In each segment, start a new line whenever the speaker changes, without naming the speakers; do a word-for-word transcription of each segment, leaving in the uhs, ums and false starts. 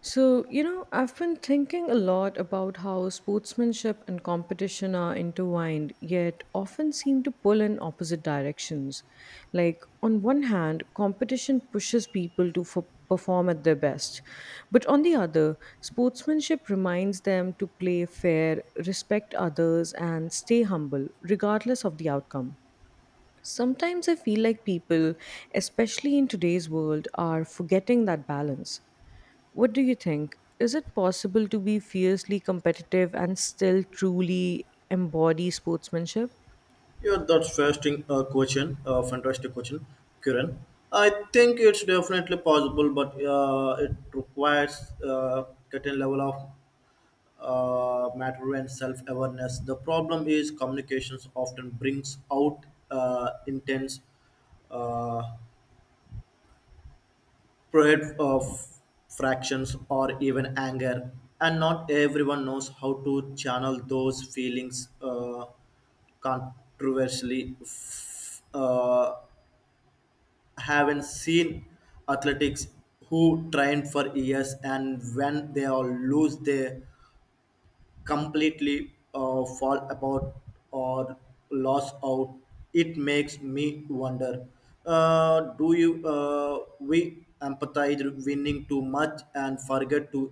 So, you know, I've been thinking a lot about how sportsmanship and competition are intertwined, yet often seem to pull in opposite directions. Like, on one hand, competition pushes people to f- perform at their best, but on the other, sportsmanship reminds them to play fair, respect others, and stay humble, regardless of the outcome. Sometimes I feel like people, especially in today's world, are forgetting that balance. What do you think? Is it possible to be fiercely competitive and still truly embody sportsmanship?
Yeah, that's fasting uh, question. Uh, fantastic question, Kiran. I think it's definitely possible, but uh, it requires uh, certain level of uh, matter and self-awareness. The problem is communications often brings out uh, intense uh, pride of fractions or even anger, and not everyone knows how to channel those feelings uh, controversially. F- uh, haven't seen athletes who train for years, and when they all lose they completely uh, fall apart or loss out. It makes me wonder, uh, do you, uh, we empathize winning too much and forget to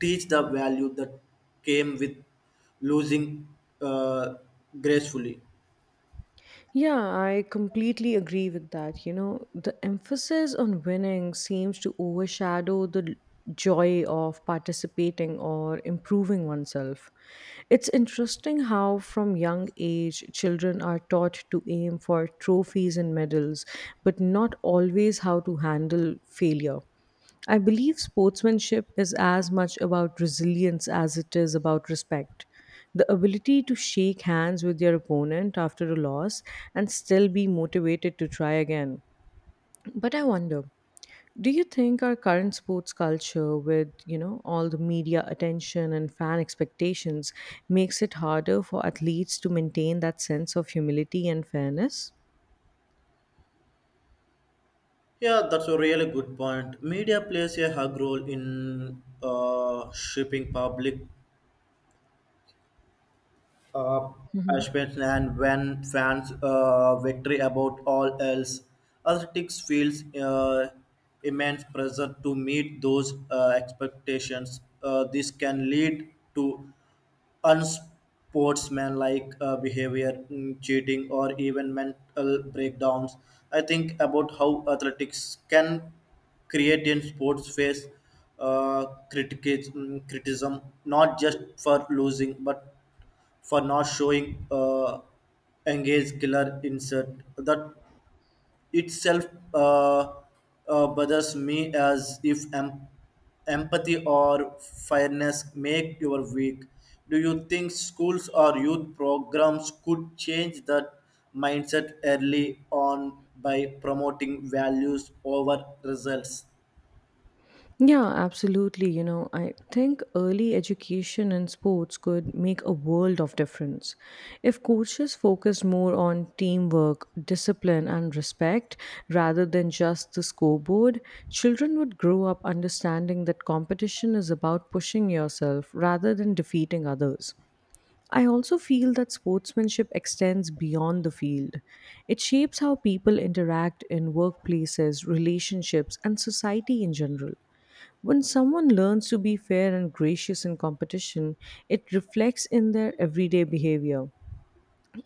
teach the value that came with losing uh, gracefully.
Yeah, I completely agree with that. You know, the emphasis on winning seems to overshadow the l- joy of participating or improving oneself. It's interesting how, from young age, children are taught to aim for trophies and medals, but not always how to handle failure. I believe sportsmanship is as much about resilience as it is about respect. The ability to shake hands with your opponent after a loss and still be motivated to try again. But I wonder, do you think our current sports culture with, you know, all the media attention and fan expectations makes it harder for athletes to maintain that sense of humility and fairness?
Yeah, that's a really good point. Media plays a hug role in uh, shaping public uh,
Mhm.
aspirations, and when fans uh, victory about all else, athletics feels uh, immense pressure to meet those uh, expectations. Uh, this can lead to unsportsmanlike uh, behavior, mm, cheating, or even mental breakdowns. I think about how athletics can create in sports face uh, criticism, criticism, not just for losing, but for not showing uh, engaged killer insert. That itself, uh, uh, bothers me as if em- empathy or fairness make your weak. Do you think schools or youth programs could change that mindset early on by promoting values over results?
Yeah, absolutely. You know, I think early education in sports could make a world of difference. If coaches focused more on teamwork, discipline, and respect rather than just the scoreboard, children would grow up understanding that competition is about pushing yourself rather than defeating others. I also feel that sportsmanship extends beyond the field. It shapes how people interact in workplaces, relationships, and society in general. When someone learns to be fair and gracious in competition, it reflects in their everyday behavior.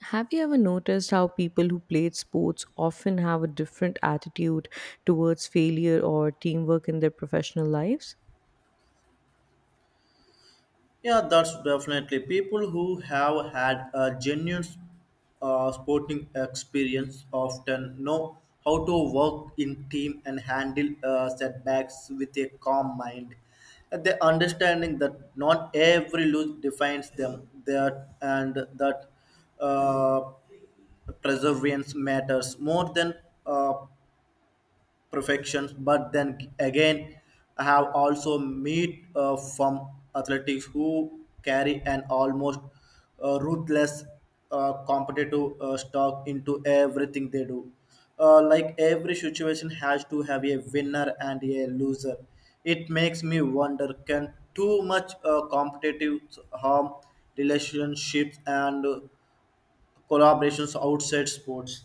Have you ever noticed how people who played sports often have a different attitude towards failure or teamwork in their professional lives?
Yeah, that's definitely people who have had a genuine uh, sporting experience often know how to work in team and handle uh, setbacks with a calm mind. And the understanding that not every lose defines them, that and that uh, perseverance matters more than uh, perfections. But then again, I have also met uh, from athletics who carry an almost uh, ruthless uh, competitive uh, stock into everything they do, uh, like every situation has to have a winner and a loser. It makes me wonder, can too much uh, competitive harm relationships and uh, collaborations outside sports?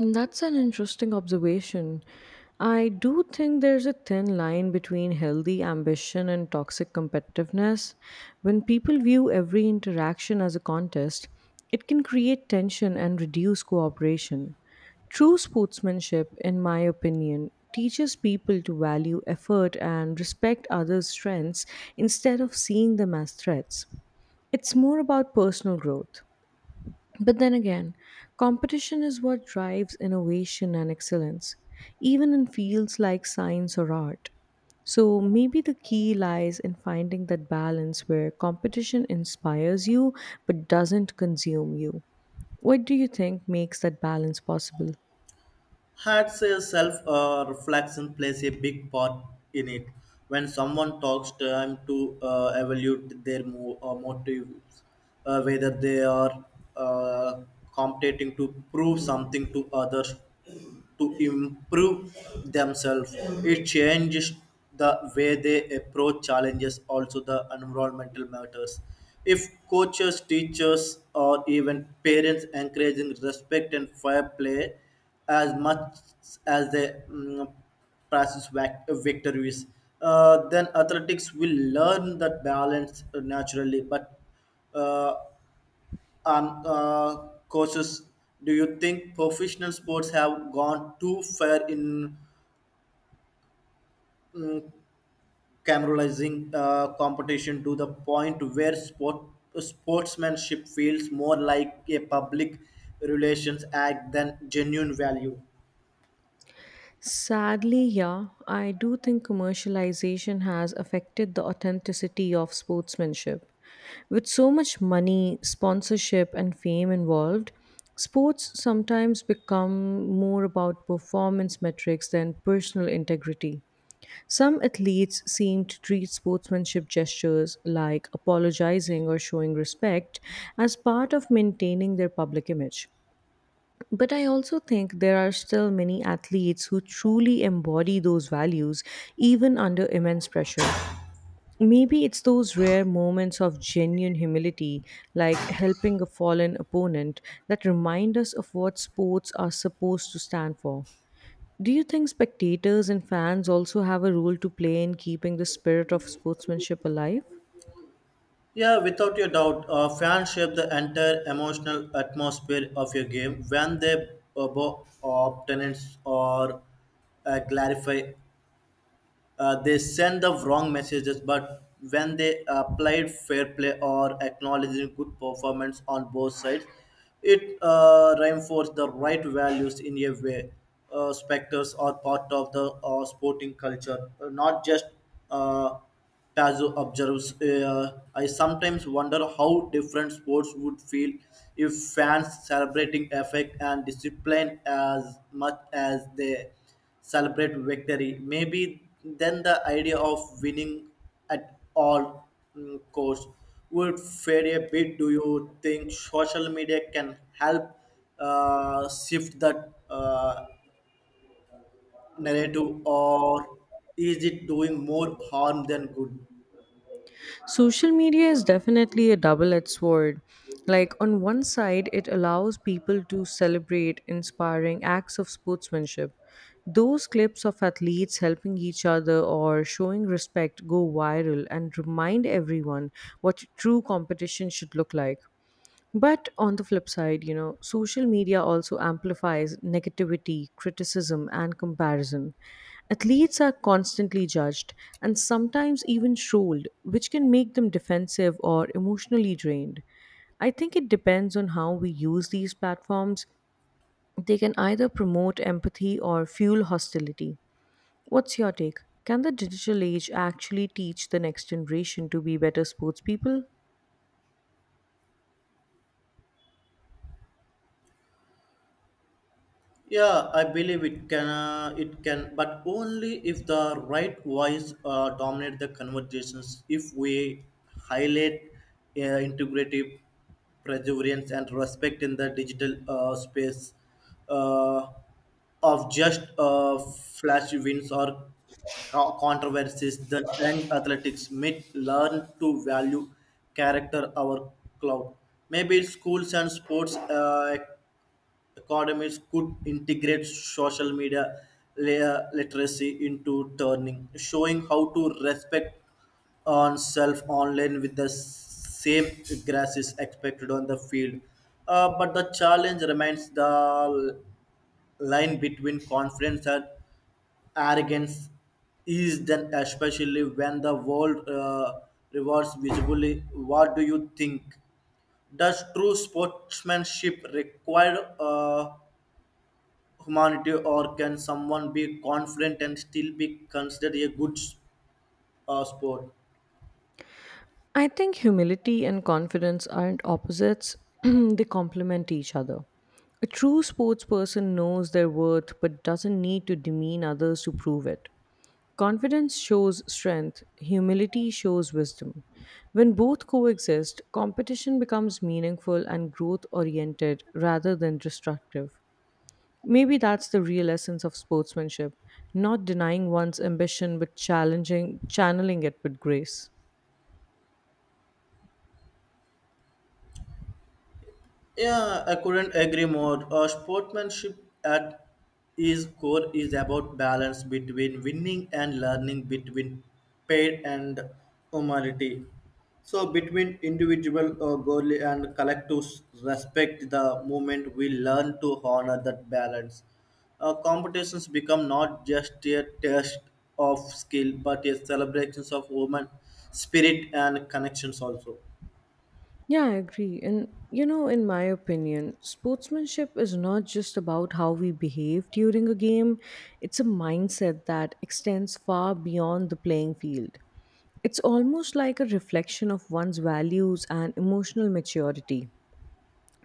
That's an interesting observation. I do think there's a thin line between healthy ambition and toxic competitiveness. When people view every interaction as a contest, it can create tension and reduce cooperation. True sportsmanship, in my opinion, teaches people to value effort and respect others' strengths instead of seeing them as threats. It's more about personal growth. But then again, competition is what drives innovation and excellence, even in fields like science or art. So maybe the key lies in finding that balance where competition inspires you but doesn't consume you. What do you think makes that balance possible?
Had self uh, reflection plays a big part in it. When someone talks time to uh, evaluate their mo- uh, motives, uh, whether they are uh, competing to prove something to others, to improve themselves, it changes the way they approach challenges. Also the environmental matters. If coaches, teachers, or even parents encouraging respect and fair play, as much as the mm, process vac- victories. Uh, then athletics will learn that balance naturally. But uh, um, uh, coaches, do you think professional sports have gone too far in mm, cameralizing uh, competition to the point where sport sportsmanship feels more like a public relations act than genuine value?
Sadly, yeah, I do think commercialization has affected the authenticity of sportsmanship. With so much money, sponsorship, and fame involved, sports sometimes become more about performance metrics than personal integrity. Some athletes seem to treat sportsmanship gestures like apologizing or showing respect as part of maintaining their public image. But I also think there are still many athletes who truly embody those values, even under immense pressure. Maybe it's those rare moments of genuine humility, like helping a fallen opponent, that remind us of what sports are supposed to stand for. Do you think spectators and fans also have a role to play in keeping the spirit of sportsmanship alive?
Yeah, without a doubt, uh, fans shape the entire emotional atmosphere of your game. When they uh, bo- opponents or uh, clarify, Uh, they send the wrong messages. But when they applied fair play or acknowledging good performance on both sides, it uh, reinforced the right values in a way. Uh, specters are part of the uh, sporting culture, not just. Uh, Tazo observes, uh, I sometimes wonder how different sports would feel if fans celebrating effect and discipline as much as they celebrate victory. Maybe then the idea of winning at all mm, costs would fade a bit. Do you think social media can help uh, shift that uh, narrative, or is it doing more harm than good?
Social media is definitely a double edged sword. Like, on one side, it allows people to celebrate inspiring acts of sportsmanship. Those clips of athletes helping each other or showing respect go viral and remind everyone what true competition should look like. But on the flip side, you know, social media also amplifies negativity, criticism, and comparison. Athletes are constantly judged and sometimes even trolled, which can make them defensive or emotionally drained. I think it depends on how we use these platforms. They can either promote empathy or fuel hostility. What's your take? Can the digital age actually teach the next generation to be better sports people?
Yeah, I believe it can. Uh, it can, but only if the right voice uh, dominate the conversations. If we highlight uh, integrative perseverance and respect in the digital uh, space, uh, of just uh, flash wins or co- controversies, the young athletics may learn to value character our cloud. Maybe schools and sports uh, Academies could integrate social media layer literacy into turning, showing how to respect on self online with the same grass is expected on the field. Uh, but the challenge remains, the line between confidence and arrogance is then, especially when the world uh, rewards visibly. What do you think, does true sportsmanship require uh, humanity, or can someone be confident and still be considered a good uh, sport?
I think humility and confidence aren't opposites, they complement each other. A true sports person knows their worth but doesn't need to demean others to prove it. Confidence shows strength, humility shows wisdom. When both coexist, competition becomes meaningful and growth oriented rather than destructive. Maybe that's the real essence of sportsmanship, not denying one's ambition but challenging channeling it with grace.
Yeah, I couldn't agree more. Uh, sportsmanship at its core is about balance between winning and learning, between paid and humanity. So, between individual uh, goal and collective respect, the moment we learn to honor that balance, uh, competitions become not just a test of skill but a celebrations of human spirit and connections also.
Yeah, I agree. And you know, in my opinion, sportsmanship is not just about how we behave during a game, it's a mindset that extends far beyond the playing field. It's almost like a reflection of one's values and emotional maturity.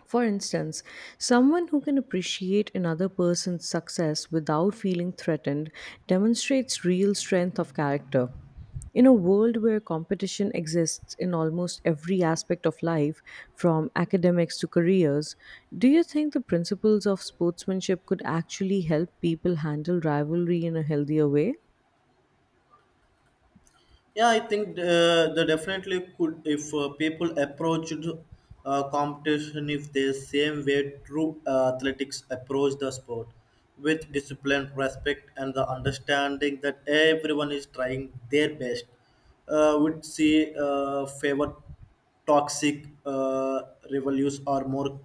For instance, someone who can appreciate another person's success without feeling threatened demonstrates real strength of character. In a world where competition exists in almost every aspect of life, from academics to careers, do you think the principles of sportsmanship could actually help people handle rivalry in a healthier way?
Yeah, I think uh, they definitely could if uh, people approached uh, competition if the same way true uh, athletics approach the sport with discipline, respect, and the understanding that everyone is trying their best. Uh, would see uh, favor toxic uh, reviews or more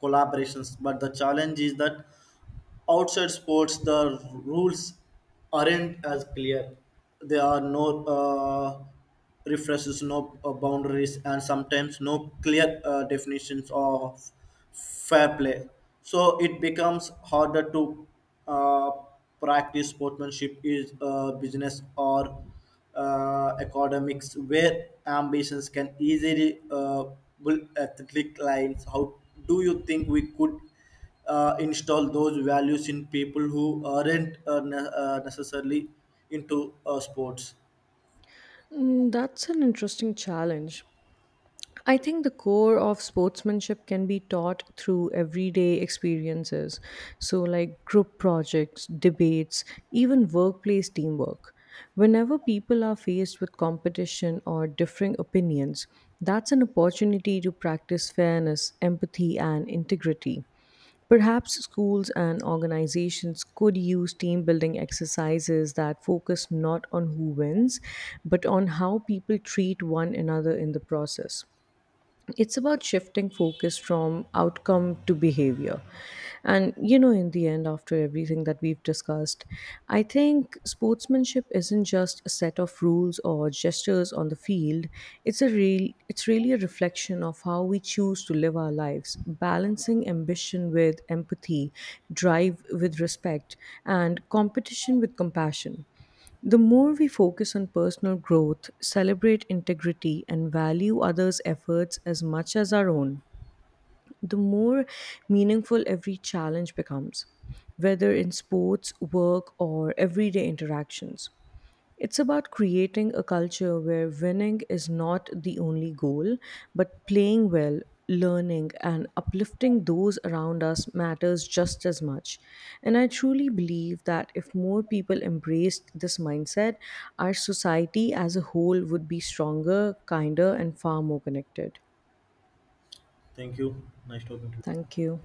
collaborations. But the challenge is that outside sports the rules aren't as clear. There are no uh, refreshes, no uh, boundaries, and sometimes no clear uh, definitions of fair play. So it becomes harder to uh, practice sportsmanship is a business or uh, uh, academics where ambitions can easily uh, bull athletic lines. How do you think we could uh, install those values in people who aren't uh, ne- uh, necessarily into uh, sports?
Mm, that's an interesting challenge. I think the core of sportsmanship can be taught through everyday experiences. So, like group projects, debates, even workplace teamwork. Whenever people are faced with competition or differing opinions, that's an opportunity to practice fairness, empathy, and integrity. Perhaps schools and organizations could use team building exercises that focus not on who wins, but on how people treat one another in the process. It's about shifting focus from outcome to behavior. And, you know, in the end, after everything that we've discussed, I think sportsmanship isn't just a set of rules or gestures on the field. It's a real it's really a reflection of how we choose to live our lives, balancing ambition with empathy, drive with respect, and competition with compassion. The more we focus on personal growth, celebrate integrity, and value others' efforts as much as our own, the more meaningful every challenge becomes, whether in sports, work, or everyday interactions. It's about creating a culture where winning is not the only goal, but playing well, learning, and uplifting those around us matters just as much. And I truly believe that if more people embraced this mindset, our society as a whole would be stronger, kinder, and far more connected.
Thank you. Nice talking to you.
Thank you.